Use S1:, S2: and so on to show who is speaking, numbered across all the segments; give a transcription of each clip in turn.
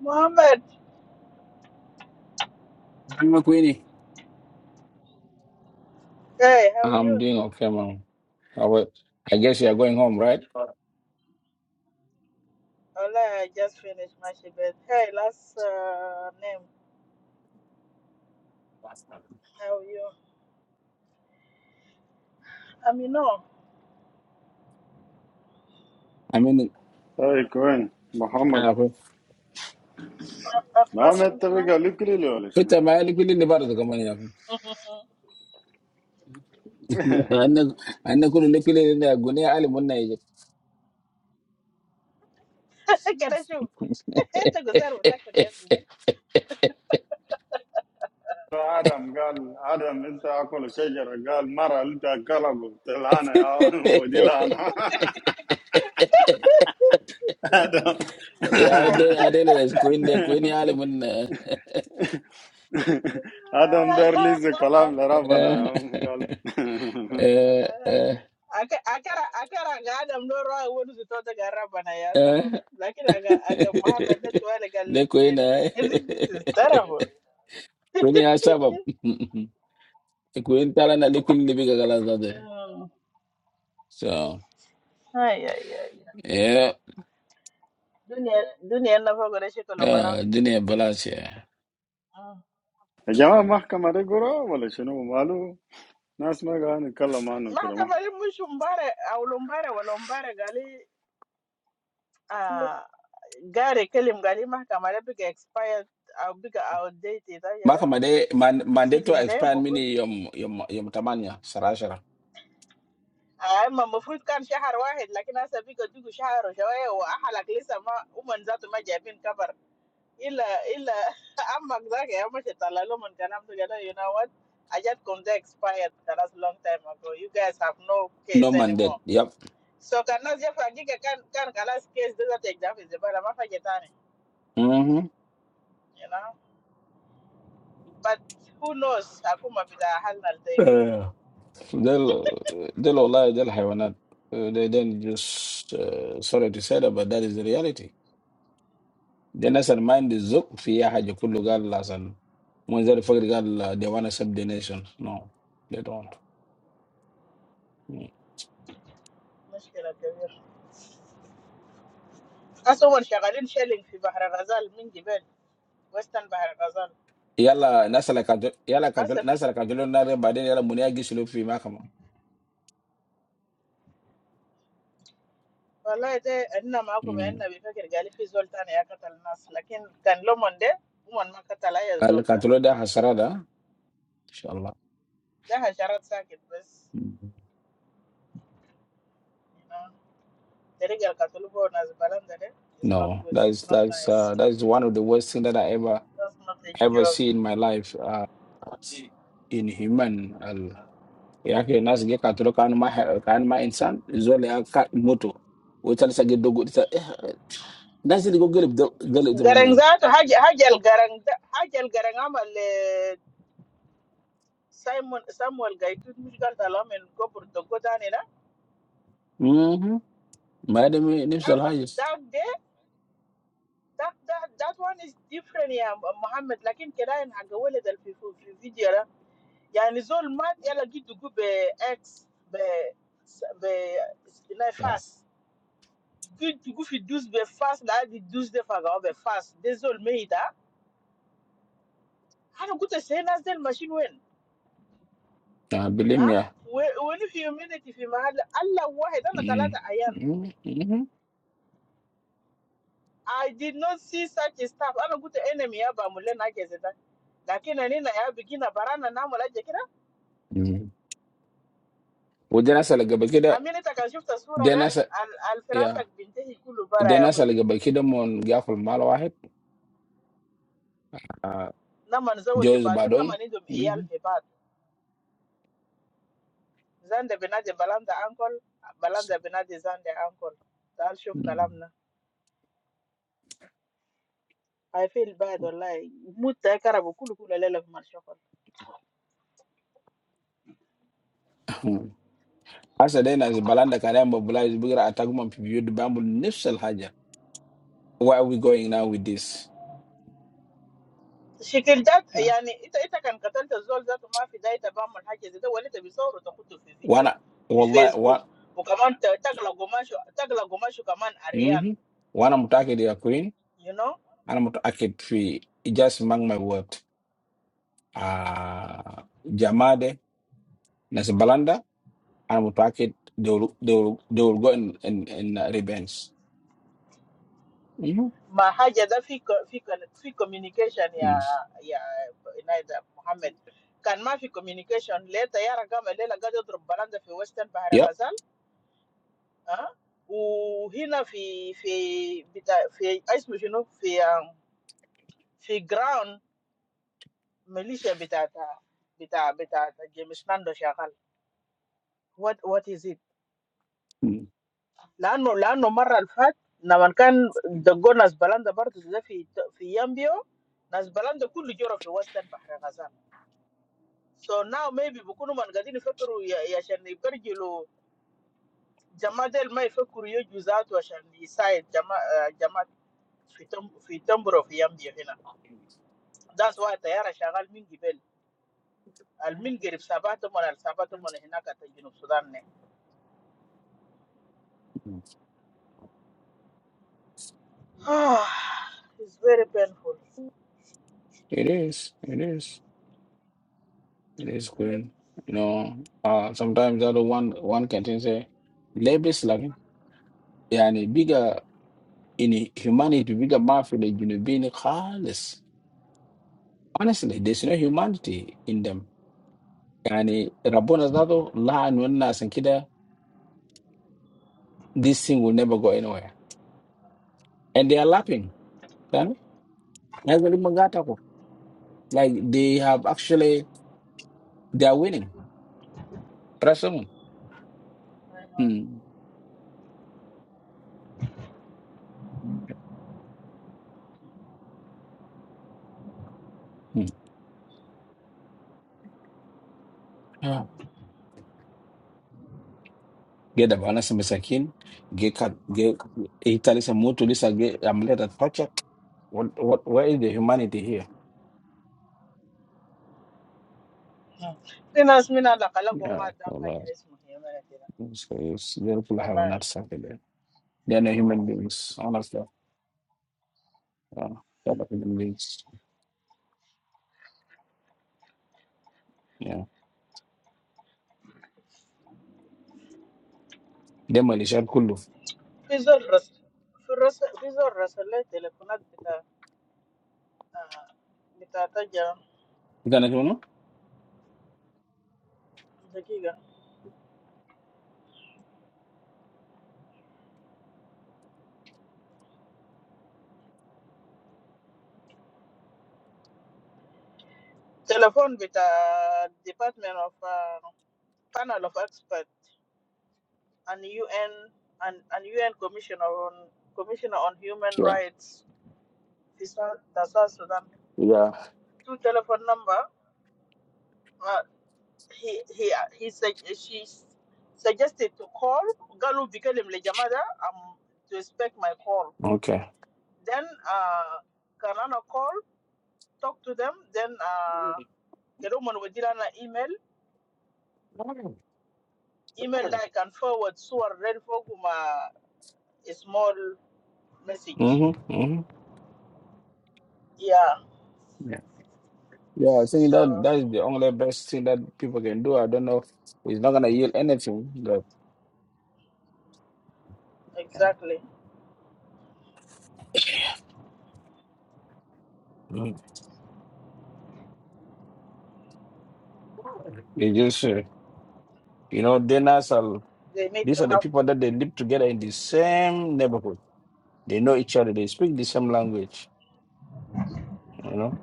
S1: Mohammed,
S2: I'm Queenie.
S1: hey, how are
S2: I'm
S1: you?
S2: doing okay, man. I wa- I guess you are going home, right?
S1: Ola, I just finished my shibat. Hey, last uh, name, how are you? I'm you know,
S2: I mean,
S3: Hi, coin. Muhammad.
S2: uh,
S3: Muhammad,
S1: أخباركم
S3: tell me
S1: شنو؟
S3: gal, you can't leave, I say.
S2: Peter, my only feeling about the company. I know, I know, could live in the Gunia Alimon.
S1: كده شوف أنت قصير بتاكل يا ابني
S3: Adam gal, Adam, when the alcohol is here, gal, Mara, you take a gal of the Lana, I'm going to Lana. Adam.
S2: Yeah, out there, out there, there's Queen, the Queen Alimon.
S3: Adam, Darlis, a gal, I'm not going. Gal,
S1: akara ga adam no rawa wani su tota ga rabana ya sabab lakin aga aga muhammad na tuwa da galle
S2: The Queen,
S1: kuyen this is
S2: eh?
S1: terrible
S2: Really nice sabab. Kuintara na liquid libi kagala
S1: Mm.
S2: So
S1: ay ay ay
S2: yeah,
S1: Dunia, Dunia, duniya na fago da shekalo
S2: uh,
S1: bara
S2: dini balance yeah.
S3: the jamah mahkamari, go ra, I say. No, you know. Nas, my gal, you call a man, okay, mah.
S1: mahakama hii mwisho mbare au lombare wala mbare gali ah gare kelim gali mahakama da biga expired au biga outdated
S2: Maka
S1: ayere
S2: made man mandate to
S1: proceeding ne
S2: expand
S1: mafrut
S2: mini yom yom yom tamanya sarashara.
S1: ama mafrut kan shahar wahid lakini hasa biga dugu shahar wa shawaya wa ahalak lisa ma uman zatu ma jabin kabar ila ila amma zaka ya mashi talalo man kanam to gala you know what I ajat konde expired that was long time ago you guys have no
S2: No
S1: case anymore
S2: mandate. Yep.
S1: So, can I just forget that? Can I last case? Those are examples, but I'm not getting tired.
S2: Mm-hmm.
S1: You know, but who knows? I come up with a handle to
S2: Yeah. Del del olay del hayvanat. Uh, They then just uh, sorry to say that, but that is the reality. Then as a mind is up fiya haja kullu gal lasan. Mwanzari fakir gal uh, they wanna save the nation. No, they don't. Mm.
S1: a problem. As someone who's been shelling in the sea, the men, the west, the sea.
S2: yala nasala kanto yala
S1: As
S2: kanto nasala
S1: for
S2: kantolo na re bade yala munia gisulu fi makama
S1: Allah, that's how we
S2: mm.
S1: come and we think of the sea. We're not going to get tired. But can we
S2: al kantolo da hasarada inshallah mm. no that's that's
S1: manage?
S2: uh, that's one of the worst thing that i ever ever
S1: We can manage.
S2: see in my life uh in human al yake nas ge kantolo kan ma kan ma insan zole ya ka moto wotal sa ge dogo sa eh nas ge go gelib do- gelib de
S1: Garang
S2: manuel
S1: za ta hajj- garang hajjal garang amal eh, Simon Samuel Gaitu musical talam and go for the go down
S2: mhm ma dem nifsal
S1: that
S2: hajis
S1: that day that that that one is different yeah Muhammad lakin kira in hagawale dal fi fi fi video da yani zol mat yala gitu go be ex be be na
S2: yeah.
S1: fast gitu go fi dus be fast la di dus de faga be fast de zol meida ana gute say del machine wen
S2: uh, believe me
S1: Huh?
S2: yeah.
S1: When when if mahal, Allah wahid, ana
S2: mm.
S1: talata ayan.
S2: Mm-hmm. Mm-hmm.
S1: I did not see such stuff. Ana good enemy ya ba mulle na ke zata. Lakin ani na nina ya bigina barana na mula je kira.
S2: What then is eligible? Because
S1: Amina sura da
S2: then,
S1: al al
S2: yeah,
S1: firasak bintahi kullu bara
S2: then
S1: ya
S2: is
S1: koi.
S2: eligible. Because then, mon, Gaffel Malawet,
S1: Na man zawaji
S2: Joseph
S1: badu na
S2: Badon.
S1: man iyal fi bad. Zanda binaje balanda ankol, balanda binaje zanda ankol. Tal shuf kalamna. I feel bad wallahi. Mutta ya karabu kullu kullu lela fi marshafa.
S2: As then as Balanda Karemba Bulai is bigger attackman, we do bamboo nifshel Hajj. Where are we going now with this?
S1: Shikilad, yani ita ita kan katolte zol zato mahfida ita baman haje zato walite bisoro to kutu fe
S2: One,
S1: video fe
S2: Allah, one.
S1: Facebook, bokaman taka lugomasho taka lugomasho kaman
S2: Uh
S1: Arian,
S2: huh. One I'm talking to Queen.
S1: you know?
S2: I'm talking to Fee. Just among my world. Ah, Jamade. As Balanda. I'm a Packet, they will they will they will go in in, in uh, revenge. hmm
S1: Mahaje zato fee fee communication ya ya naida Mohamed. Kan mahfida communication leta yara gama lela gaza drob balanda fe Western bahara
S2: Yep.
S1: gazal, uh? U hina fe fe fe ice you know fe fe ground. What is it?
S2: Mm.
S1: Let no, let no moral fat. Now when can the governors balance the burden? Is it in in Yambio? Let's balance the cool journey in Western Bahr el Ghazan. So now maybe we cannot get any further. I I should not forget the Jamaat al Ma'afakurio Juzat, which is inside Jamaat Jamaat in in Tombro in Yambio. That's why the Yarashagal are poor. Al
S2: Mm.
S1: poor. It's very painful.
S2: It is. It is. It is good. You know, uh, sometimes the other one one can just say, "Labor slugging." Yani bigger in humanity, bigger mafia than you being careless. Honestly, there's no humanity in them. Yani Rabona Zado, La Nunas and Kida, this thing will never go anywhere. And they are laughing. Yani, Like they have actually, they are winning. Pressure. Hmm. Okay. Hmm. Yeah. Get the balance masakin. Get cut. Get Italy some more to this. Get I'm let at project. What? What? Where is the humanity here?
S1: Mm. في ناس من علاقة لقوا
S2: Yeah.
S1: ما دام
S2: So that's-
S1: حاجة اسمه هي ما كده
S2: so it's they people have
S1: والله
S2: not something there. They are no human beings. Honestly. Yeah. They are not human beings. Yeah. They are Malaysian. Kulu.
S1: في زول رسل في الرسل في زول رسل لي تليفونات بتاع آه، بتاع تجا
S2: You gonna do no?
S1: دقيقة تليفون بتاع Department of uh, Panel of Experts and UN and, and UN Commissioner on Commissioner on Human
S2: Yeah.
S1: Rights في South- the South Sudan
S2: Yeah.
S1: two telephone number uh, he he he said she suggested to call Galu Bikalim Lejamada um to expect my call.
S2: Okay.
S1: Then uh Kanana call, talk to them, then uh Kedoman Wadirana email,
S2: Mm-hmm.
S1: email that I can forward so I read for whom, uh, a small message.
S2: Mm-hmm.
S1: Yeah.
S2: Yeah, I think
S1: So
S2: that that is the only best thing that people can do. I don't know if it's not gonna yield anything, but yeah.
S1: exactly.
S2: mm, it just uh, you know, dinners are
S1: They need
S2: these
S1: to
S2: are the
S1: have
S2: people that they live together in the same neighborhood. They know each other. They speak the same language. You know,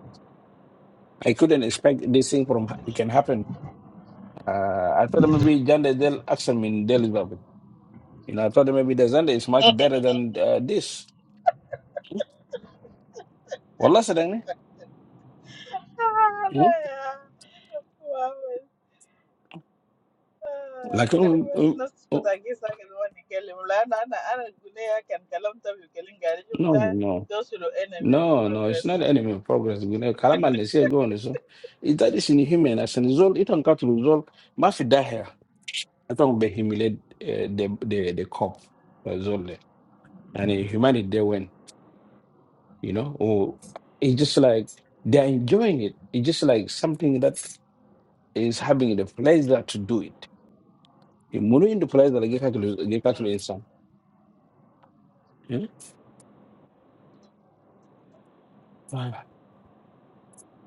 S2: I couldn't expect this thing from ha- it can happen. Uh, I thought maybe Jande del Axel in Del Zimbabwe. You know, I thought maybe the Zande is much better than uh, this. Well, last thing, like um, um, oh, no, no. No, no, it's not enemy in progress. You know, Kalaman they say go on so. It that is inhuman as a result, it don't got to resolve Mafidahir. I don't be humiliate uh, the the the cop result. And uh, humanity they win, you know, or it's just like they're enjoying it. It's just like something that is having the pleasure to do it. You move into pleasure like get to get cut to some. Let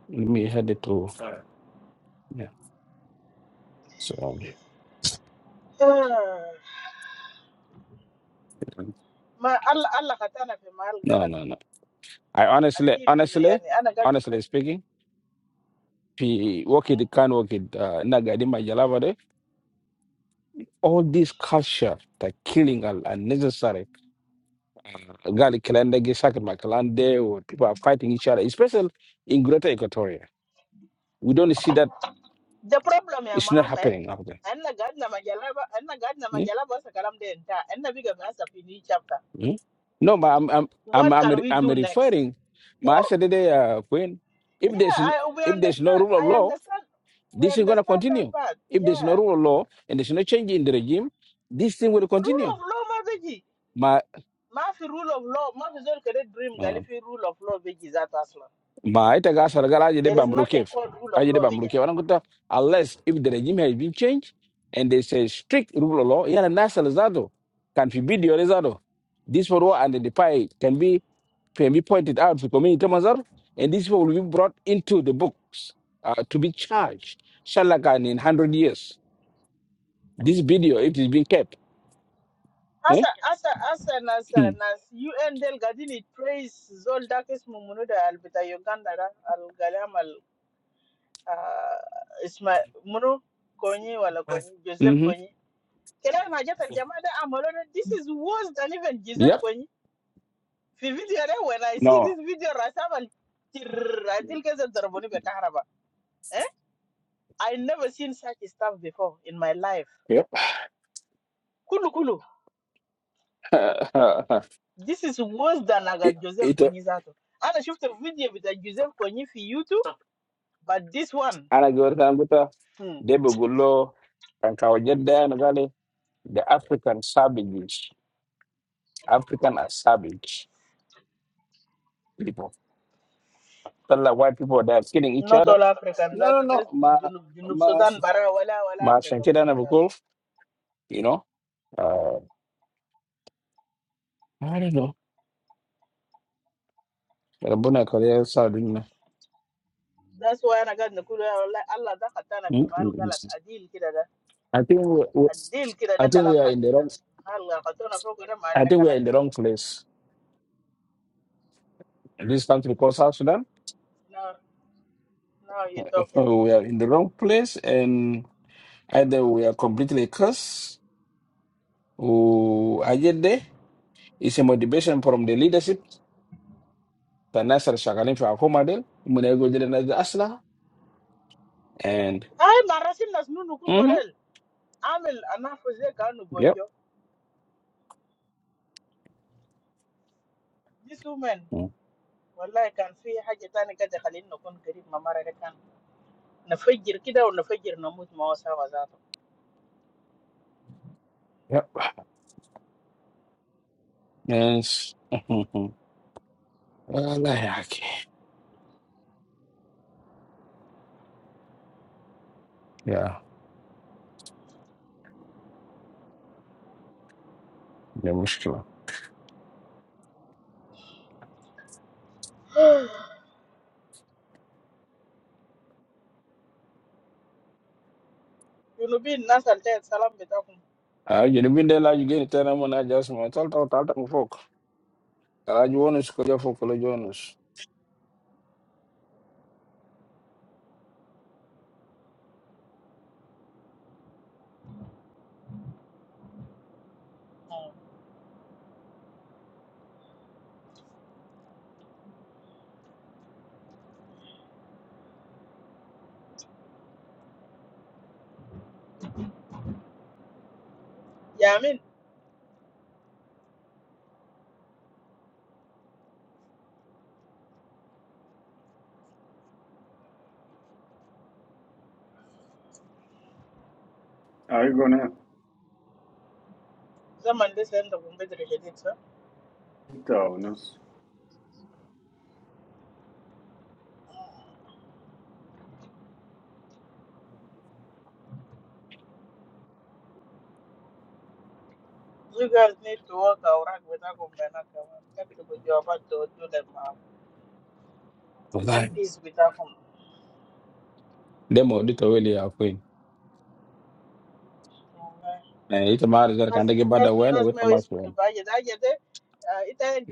S2: me head it to yeah. So um,
S1: Ma Allah, Allah kata na kema
S2: no
S1: algalat
S2: no no I honestly,
S1: atiir
S2: honestly,
S1: kizayani. Ana gani
S2: honestly speaking, pi working can work it uh, nagadi majalaba All this culture, the killing are unnecessary. Uh, Gali kilendegi sakit makalande, or people are fighting each other, especially in Greater Equatoria. We don't see that
S1: the problem ya
S2: it's not
S1: Muhammad?
S2: happening out there.
S1: Ana gani na majalaba? Ana gani na
S2: Mm,
S1: majalaba sa kalam deenta? Ana biga ma sa pini chapter.
S2: mm. No, but I'm I'm I'm
S1: What
S2: I'm,
S1: can
S2: re-
S1: we
S2: I'm
S1: do next?
S2: referring. My
S1: Or
S2: said today, uh, Queen, if
S1: yeah,
S2: there's n-
S1: I we
S2: if there's no
S1: understand.
S2: rule of
S1: I
S2: law,
S1: understand. We
S2: This is going to
S1: understand that
S2: continue.
S1: part.
S2: If there's no
S1: Yeah.
S2: rule of law and there's no change in the regime, this thing will
S1: Rule
S2: continue.
S1: of law, mazigi.
S2: My
S1: My rule of law, my rule of that dream, galify rule of law be gizata sna.
S2: my itaga saragala ajede
S1: There is nothing
S2: bamulukef.
S1: called rule of
S2: Ajede
S1: law here.
S2: bamulukef. Anakuta unless if the regime has been changed and there's a strict rule of law, yana nasa lezado can forbid your lezado. This photo and the pie can be can be pointed out to community mazar, and this will be brought into the books uh, to be charged. Shalakan in hundred years. This video, it is being kept. Eh?
S1: Asa, asa, asa, asa,
S2: Hmm.
S1: asa. UN del gadi ni praise zolda kesi mumuno da albeta Uganda ra algaliam al ah isma mumuno Konyi wala Konyi Joseph
S2: Mm-hmm.
S1: Kony. Kila maga tali jamada amalona. This is worse than even Joseph
S2: Yep.
S1: Kony. The video when I see
S2: No.
S1: this video, I say mal. The radicalism that I have. I never seen such stuff before in my life.
S2: Yep.
S1: Kulu kulu. This is worse than
S2: it,
S1: agad Joseph
S2: it,
S1: Konyi Zato. Ana a video with a Joseph Konyi for YouTube, but this one,
S2: ana gortan guta
S1: hmm,
S2: debe gullo kan kawo jedda na gale the african savages african are savage people tell like white people they are killing each
S1: not
S2: other
S1: all Africans
S2: no no
S1: Zato.
S2: no
S1: Best
S2: ma
S1: Junub Junub
S2: ma
S1: Sudan bara wala wala
S2: ma
S1: Africa
S2: shankida
S1: kulu
S2: na
S1: Zato.
S2: bukul you know uh i don't know rabuna korea saudina
S1: That's why ana gad nakulu ya Allah Allah da katana fi
S2: Mm, mm,
S1: mahal
S2: mm.
S1: galat adil kida da
S2: i think we, we,
S1: adil kida da
S2: i think
S1: kalam
S2: we are in the wrong
S1: hakika. Allah. ga katana foko da mahal
S2: i think we are
S1: galat.
S2: in the wrong place this country called south sudan
S1: Now now you talking.
S2: So we are in the wrong place and either we are completely cursed or ajede is a motivation from the leadership the nasser shakalin fi akoma del muna go jere na asla and
S1: Ay marasin nas nunu
S2: mhm
S1: kumbodel. Amel anafuze zeka
S2: yep
S1: bonjo. This woman,
S2: mm,
S1: Allah can free her. She doesn't get to live in a poor, close, mama-like can. No figure, kid out, no figure, no mood, no atmosphere.
S2: yep yes mm-hmm. wallahi haki yeah the mushkila
S1: You know, be nice, alter, salam, beta,
S2: ah you know been there like you get it and i just my talk talk talk talk folk ah you want to go for college honors
S1: come. Yeah, I mean,
S3: Hi, Gune.
S1: some Monday, some dogum betra, come.
S3: Hi, Nas.
S1: You guys need to work, our dogum betra, come. I'm not going to go about doing that.
S2: wallahi
S1: MPs, beta, come.
S2: demo dito It's a
S1: No, no, no.
S2: matter eh ita mara zar
S1: I'm
S2: kan dage bada wen o
S1: always going to
S2: one,
S1: be there.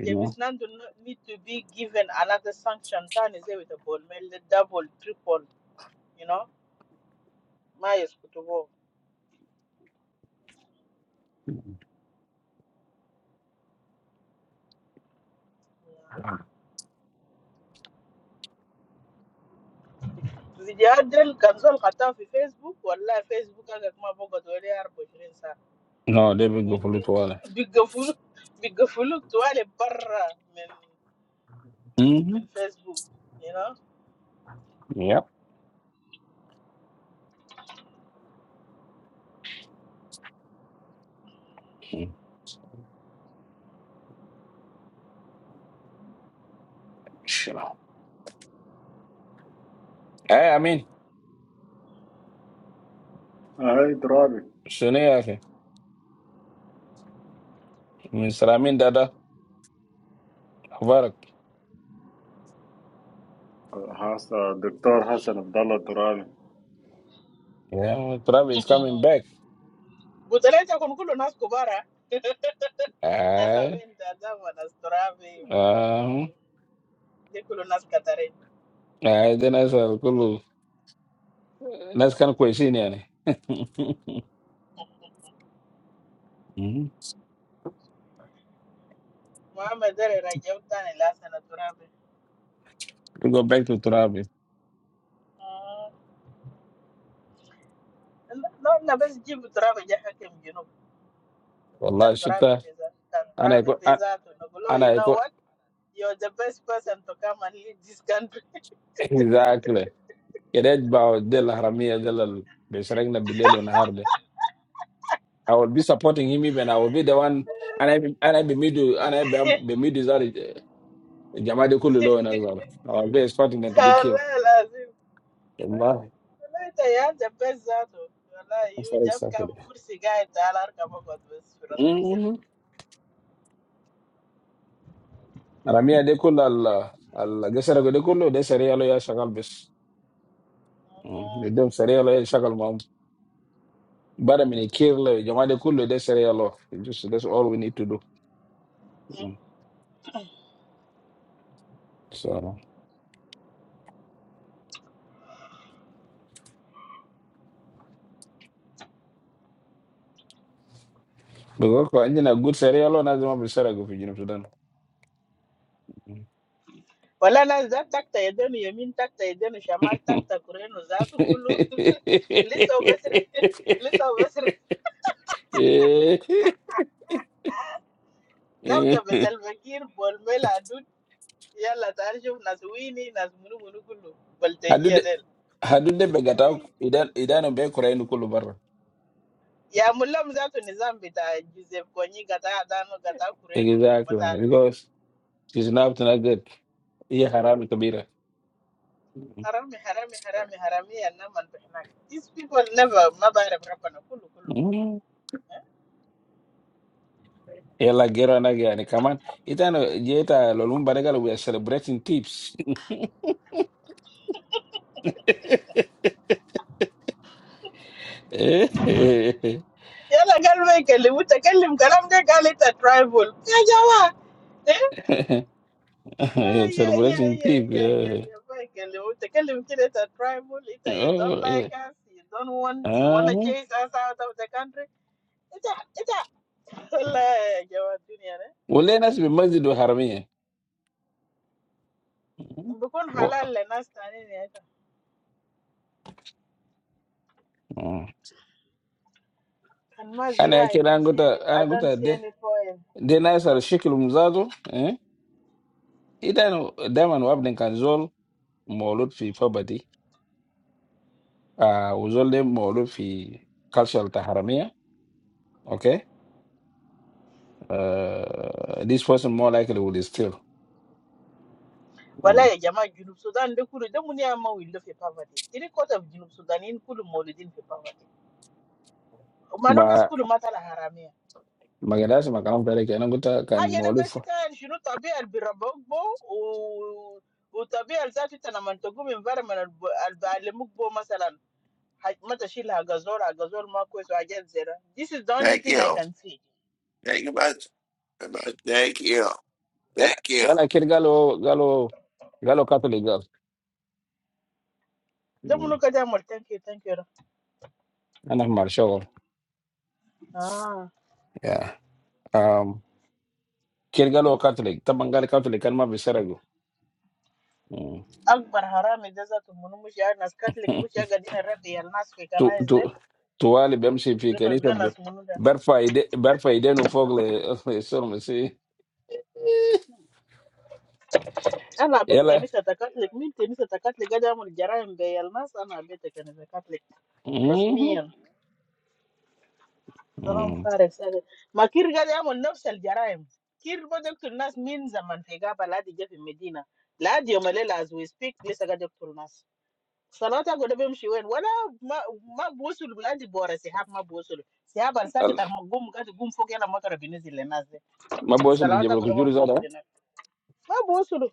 S2: you know.
S1: it's not that we don't need to be given another sanction. Then is it with a ball mail, the double, triple, you know? My YouTube video, I don't cancel account in Facebook or live Facebook. I just my phone got really hard to drink. Sa
S2: No, they've been good for a little while.
S1: biggafulu, biggafulu, tole bara men
S2: hmm
S1: men Facebook, you know.
S2: Yep. Sure. Hey, I mean,
S3: Hi, Drali.
S2: Sunayake. Mr. Amin Dada, Mubarak.
S3: Has, doctor Hassan Abdullah Drali.
S2: Yeah, Travis is coming back.
S1: But today, I can't go to Nas Kobarah.
S2: Aye.
S1: Nasamenda, Nas Trawe, Nas Trawe, Nas Trawe.
S2: Um,
S1: I can't go to Nas Katarin.
S2: aye, then I said, Kulu. That's kind of question, yani. hmm
S1: My mother is a Rajyotan, and I say Nas Trawe.
S2: We go back to Travis.
S1: No, I best give Trawe.
S2: Allah
S1: Cantora
S2: shuta.
S1: Viveza. Cantora
S2: Ana iko, an-
S1: Viveza to Nogolo, you
S2: ana
S1: know
S2: iko,
S1: what? You're the best person to come and lead this country.
S2: exactly. Kedej bao del haramia del al. Besarek na bidelo I will be supporting him even. I will be the one, and I be- and I be middle, and I be, be middle is already Jamadi Kululo and Azala. I will be expecting them to be killed.
S1: Wallah, lazim.
S2: Allah,
S1: Wallah, ita ya the best zato. Wallah, you
S2: for
S1: just
S2: exactly.
S1: come kursi guy talar kama kwa bes firas kursi na.
S2: Mm-hmm. And I mean, they could Allah, Allah. They said they could. They said Allah ya shagal bes. Mm. They
S1: Mhm.
S2: don't say Allah ya shagal mom. But I mean, kill eh, Jamadi Kulu. They said Allah. Just that's all we need to do. Mm. So, because I a good serial on be Bissara go for Sudan.
S1: Wallah, nas da takta yedenu yemin takta yedenu shamal takta kurenu zato kulu. Lisa ubesri.
S2: Mm.
S1: Lisa ubesri.
S2: Eh, eh,
S1: Tabda
S2: eh.
S1: besalvakir bolmela adut. Yalla tarjum nas wini nas munu munu kulu.
S2: Hadude
S1: Baltajia
S2: hadude begata ok, idan idan be kura kulu barra.
S1: ya mulla mzatu ni ta joseph konyi gata adano gata kurenu
S2: Exactly
S1: matario
S2: because she's not to not good. Iya haram kabira.
S1: harami harami harami harami ya na malbihnak these people never mabarab rabbana kulu kulu
S2: Mm.
S1: Eh?
S2: Ela gera na gani kaman itano jeta lolumba regalo we are celebrating tips. Eh, eh, eh,
S1: yala galma يكلم وتكلم كلام ده قال انت tribal يا جماعه إيه؟
S2: eh.
S1: آه، يا يا
S2: celebrating
S1: يا
S2: tip.
S1: يا يا
S2: Yeah.
S1: يا ما يكلم وتكلم كده انت tribal انت you don't
S2: Oh,
S1: like
S2: yeah.
S1: us you don't want you wanna
S2: Uh-huh.
S1: chase us out of the country انت انت والله يا جماعه
S2: Wale nasi bi masjid wa haramia.
S1: I'm becoming
S2: Wo-
S1: halal. I
S2: Mm. Ana yake na
S1: don't see any.
S2: anguta ana
S1: I don't see any problem.
S2: Then I say she can't do. Then, then when we have been cancelled, we are not in property. Ah, we are not in commercial taharamea. Okay. Ah, this person more likely will steal.
S1: What are
S2: Um,
S1: you talking about? South Sudan. Don't worry. Don't worry about it. You know South Sudan. In school, we didn't worry about it. But don't ask
S2: but
S1: me about the Haramiya.
S2: my generation, my generation, I am going to
S1: I'm
S2: can't not
S1: going to
S2: be.
S1: visit. You know, the baby is very beautiful. The baby is very beautiful. The baby is very beautiful. For example, the baby is very beautiful. This is the only
S2: Thank
S1: thing I
S2: you.
S1: can see.
S2: Thank you very much. Thank you. Thank you. I am here. Galo, galo, galo. Catlega.
S1: Don't worry
S2: Um,
S1: about it. Thank you. Thank you.
S2: I am Marshall.
S1: Ah.
S2: Yeah. Um, here, galo, catlega. The Bangali catlega. I am very sorry. Um.
S1: Ank Barhara Medaza tumunu mu Shia Naskat like mu Shia gadi na rab bayal Nas fe
S2: tu
S1: kanas
S2: tu
S1: dem
S2: tuwali bemshi fi
S1: gan
S2: kanisa
S1: ganas
S2: be-
S1: tumunda.
S2: barfa ide barfa idenu fogle sorry si
S1: An abe
S2: yala
S1: tekanisa takat like min tekanisa takat like gadi amu jaraim bayal Nas an abe tekanisa takat like.
S2: mhm
S1: Rosmian tolong
S2: mhm
S1: farisade. Makiri gadi amu no sel jaraim. Kir bojuku Nas min zaman fe gaba ladige fi Medina. Ladie omalela as we speak ni sade gadi kol Nas. Salanta kudabim shiwe. Wala ma ma bozulu blanje boara seha ma bozulu seha bal sa
S2: Allah
S1: ketar gumu katu gumu fukia la moto revenue zi le Nas.
S2: ma boy sul
S1: Salata
S2: bijabal
S1: ko
S2: ko
S1: ma
S2: juri zada
S1: bosu de nak. Ma bosu do.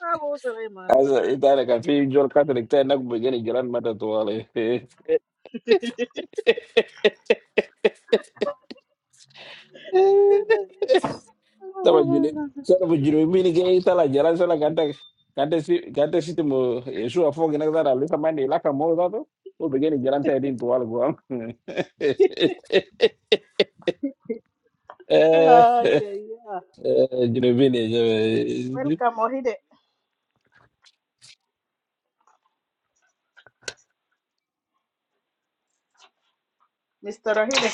S1: Ma bosu re man.
S2: asa itara kan fi jol catholic tay nak bu gene jalan mata tuwali Taba juni, sala bu juni mini ke sala jara sala ganta ganta si ganta si mo Yesu afo gina zara lisa mani laka mo zato. O begini jalan tadi itu wal guam. Eh,
S1: Ay ay ay.
S2: eh, juni mini je.
S1: Welcome Ohide. Mr. Ohide.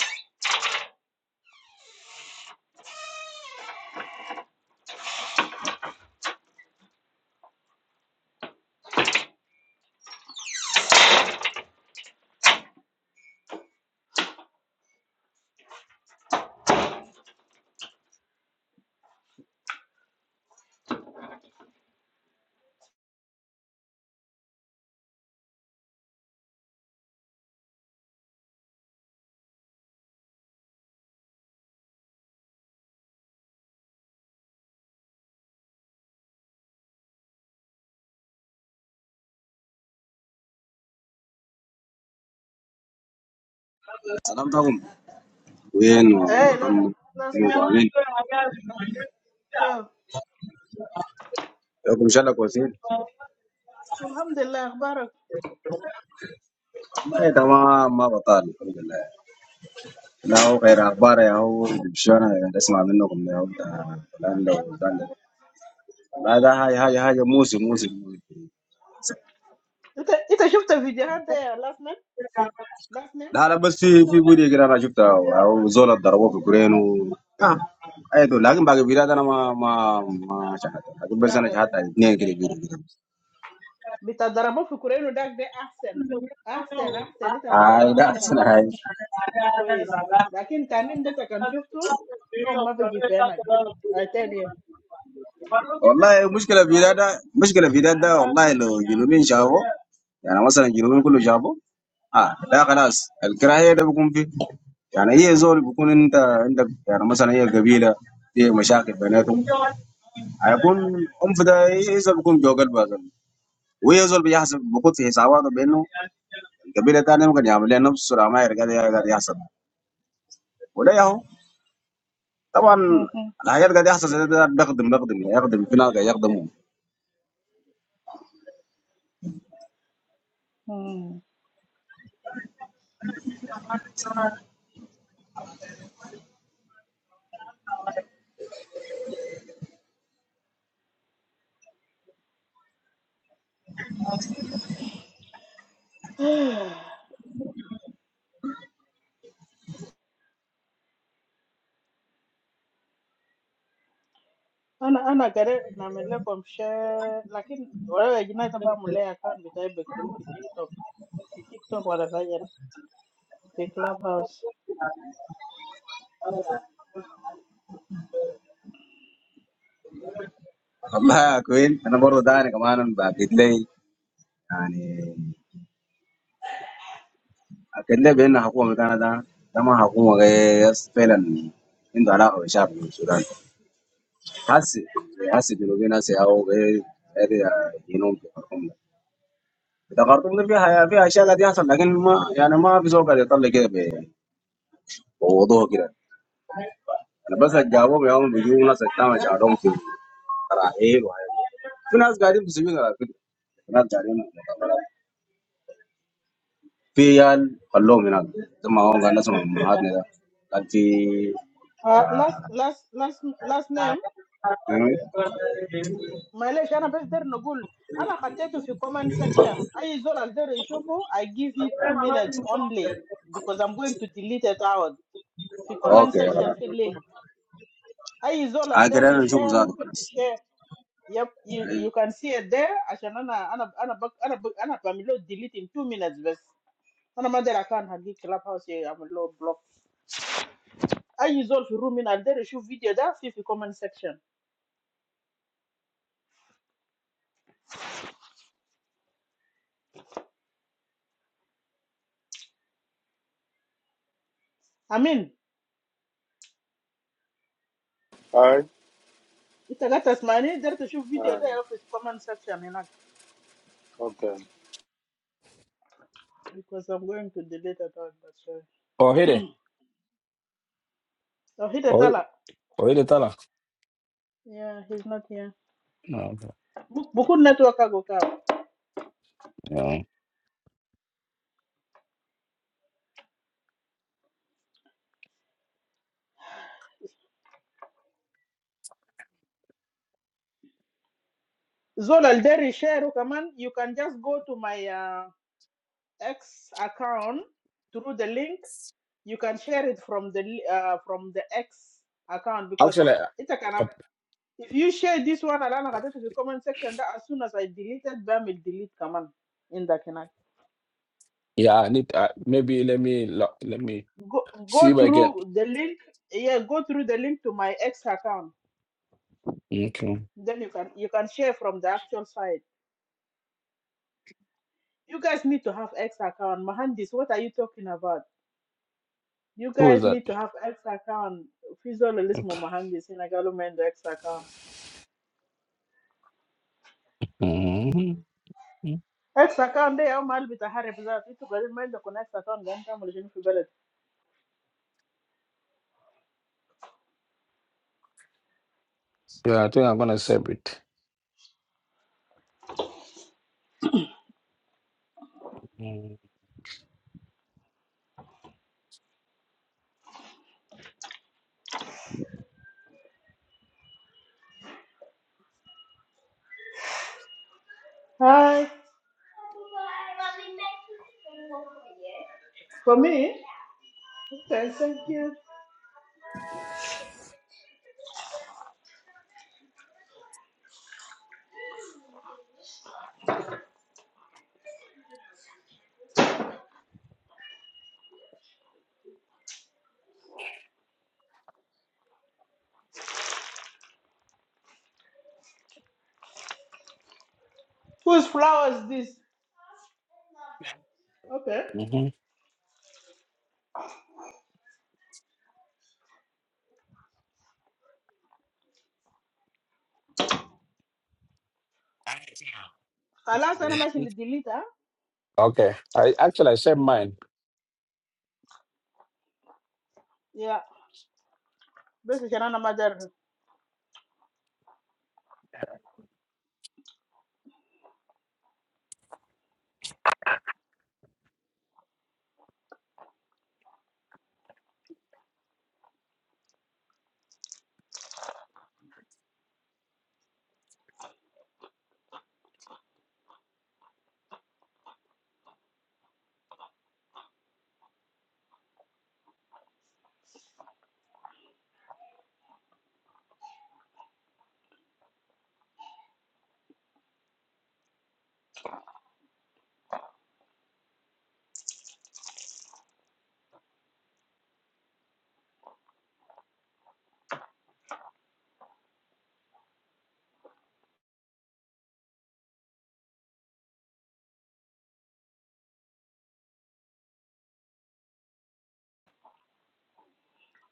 S4: سلام داكم وين
S1: Hey, la
S4: محمد
S1: last
S4: وين
S1: man.
S4: طالعين
S1: Yo.
S4: لكم ان شاء الله كويسين
S1: Alhamdulillah, barak.
S4: والله تمام ما بطال الحمد لله لا هو غير اخبار يا
S1: Okay.
S4: هو شو انا اسمع منكم يا هو ده فلان لو فلان لو. لا ده هاي هاي هاي موسم موسم موسم.
S1: Ita ita shufta video hada ya last man. Last man.
S4: لا لا بس في في بودي كده انا شفتها او زول ضربوه في كورينو اه اي دول لكن باقي البلاد انا ما ما ما شاهدت لكن بس انا شاهدت اثنين
S1: Ya.
S4: كده كده
S1: Bita darabo fi kureno dak de ahsen. Ahsen ahsen ita
S4: I
S1: taayno
S4: that's
S1: 10 مرات.
S4: nice.
S1: كويس. لكن تاني ده كان شفته نوم No, ma في عينك. I tell
S4: والله المشكلة في ده ده مشكلة في ده ده والله لو جنوبين شافوا يعني مثلا جنوبين كله شافوا اه ده خلاص الكراهية ده بيكون فيه يعني هي زول بيكون انت عندك يعني مثلا هي قبيلة في مشاكل بيناتهم هيكون ام في ده هي زول بيكون جوا قلبها زول. وهي زول بيحسب بيخط في حساباته بانه القبيله الثانيه ممكن يعمل لها نفس السرعه ما هي قاعد قاعد يحصل وده ياهو طبعا
S1: you.
S4: الحاجات قاعد يحصل زي ده بيخدم بيخدم يخدم في ناس قاعد يخدموا
S1: Ana ana kare namelako mche, lakini ora wajina tapa mule akonvitaye bekhulu fi TikTok. TikTok wada kaya na. TikLoveHouse.
S4: والله يا كوين انا برضه داني كمان باكد لي يعني اكد لي بان حكومه بتاعنا ده ده ما حكومه غير فعلا عنده علاقه بالشعب السوداني حاسس حاسس جنوبي ناس او غير غير جنوب في الخرطوم ده في الخرطوم ده فيها فيها اشياء قاعد يحصل لكن ما يعني ما في زول قاعد يطلع كده ب- بوضوح كده Albasajjabo bwe bamuvugira settama kyalo mukubi raheelu fi nas gaadin fi sibiila lakini fi nas gaadin mukabbarat fi yaal khallahum hinak thumma hum ganasum ummahatni da kan fi ah,
S1: Last last last last name?
S4: nini?
S1: Male, jana baze der no gul. Ana kate tu fi comment section. I is all I'll share. I give you two minutes only because I'm going to delete it out. Fi comment
S4: okay
S1: section
S4: khalas
S1: filling. I is all
S4: ah,
S1: I'll
S4: kede na nishuku
S1: share.
S4: zaatu
S1: Mugi
S4: khalas
S1: de share. Yep, you, you can see it there. عشان انا انا انا بك انا بك انا بعمل له delete in two minutes بس. انا ما ادري كان هديك كلاب هاوس يعمل له بلوك. اي زول في الروم هنا داير يشوف فيديو ده في في comment section. امين
S3: Hi.
S1: انت قاعد تسمعني داير تشوف فيديو ده
S3: Um,
S1: يا في comment section هناك
S3: okay.
S1: because I'm going to delete it out but sorry.
S2: Oh hide,
S1: So هنا
S2: oh oh
S1: طلع.
S2: hide tala.
S1: Yeah, he's not here.
S2: No, no.
S1: Bu- بكون network أكو كاب. زول الداري share كمان you can just go to my uh, X account through the link. you can share it from the li- uh, from the X account because
S2: Actually,
S1: it can
S2: uh,
S1: up- if you share this one alana got to the comment section that as soon as I deleted them will delete command in the canal.
S2: yeah, I need uh, maybe let me lo- let me
S1: Go
S2: see
S1: go
S2: if I can.
S1: through the link yeah go through the link to my X account
S2: Okay,
S1: then you can you can share from the actual site. You guys need to have X account. Mahandis, what are you talking about? You
S2: who is
S1: guys
S2: that?
S1: need to have X account. Fizzle Lismo
S2: Okay.
S1: Mahandis in Agalumendo X account.
S2: Mhm.
S1: Hi.
S2: Yeah, I think I'm gonna save it.
S1: For me. Okay. Thank you. Whose flowers this? Okay. I last time I mentioned the dealer.
S2: Okay. I actually I said mine.
S1: Yeah. Because she ran a major.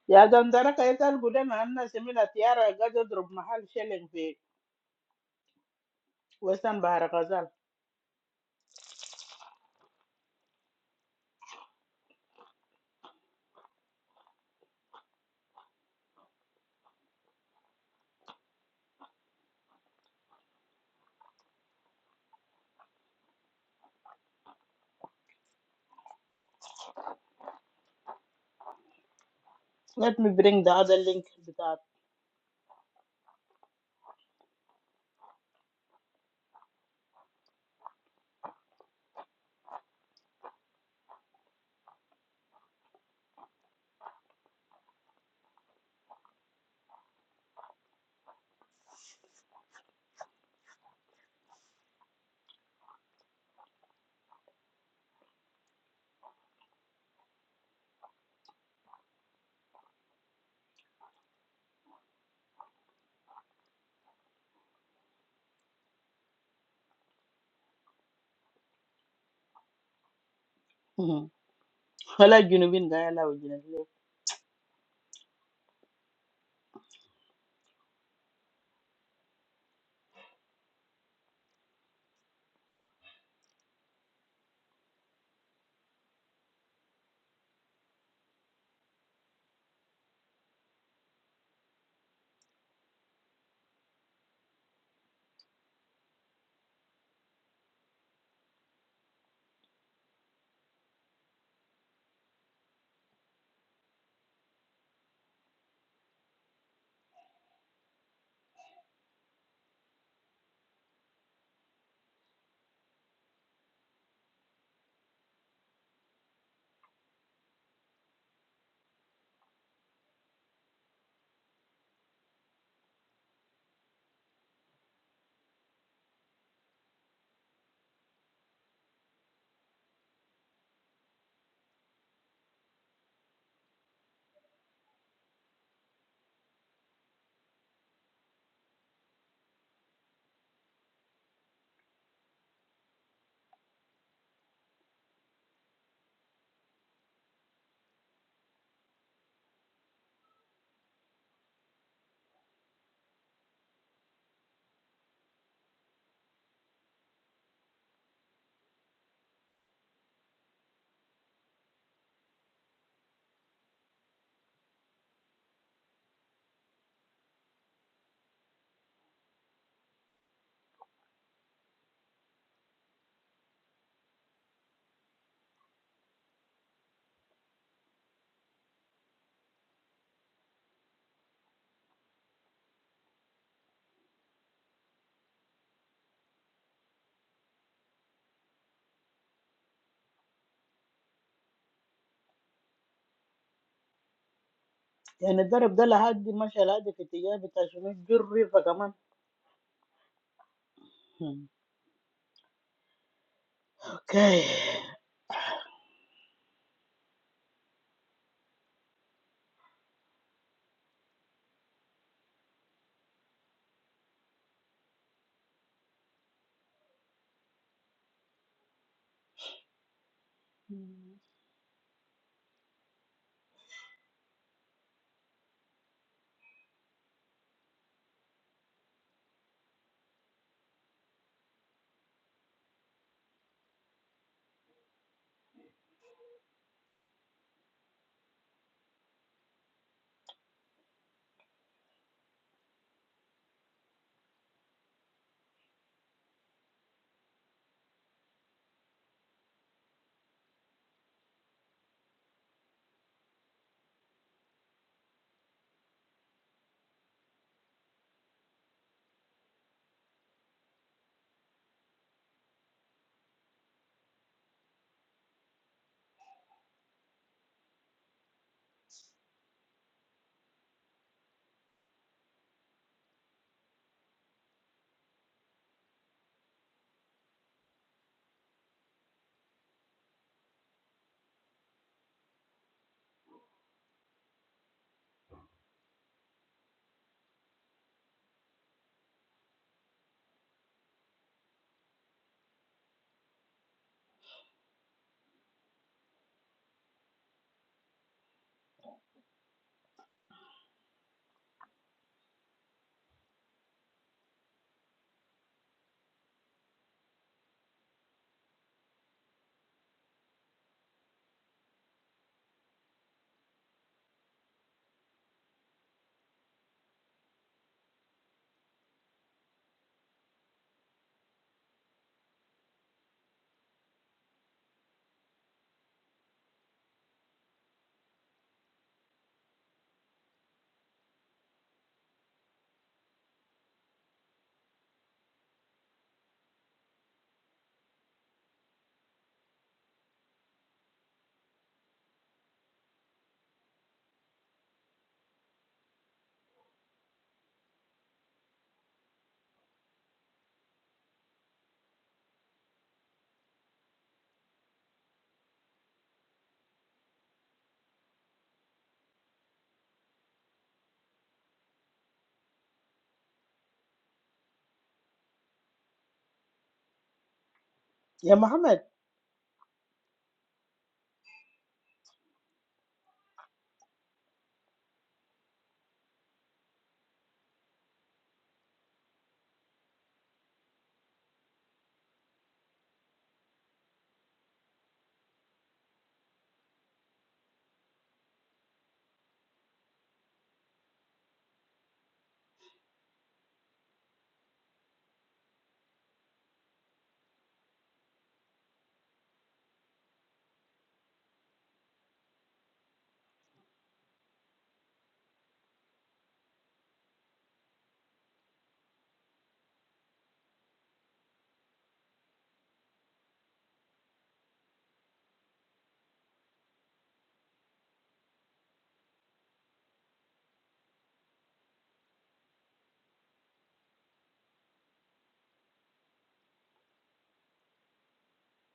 S1: Yeah, the entire capital good enough. And now she made a tiara. I got a drop mahal shilling fee. Western Baharagaral. Let me bring the other link with that. Hmm. I like Junubin. Gaya la Junubin. يعني الضرب ده لحد مشى لحد في اتجاه بتاع شنو الجري فكمان اوكي يا محمد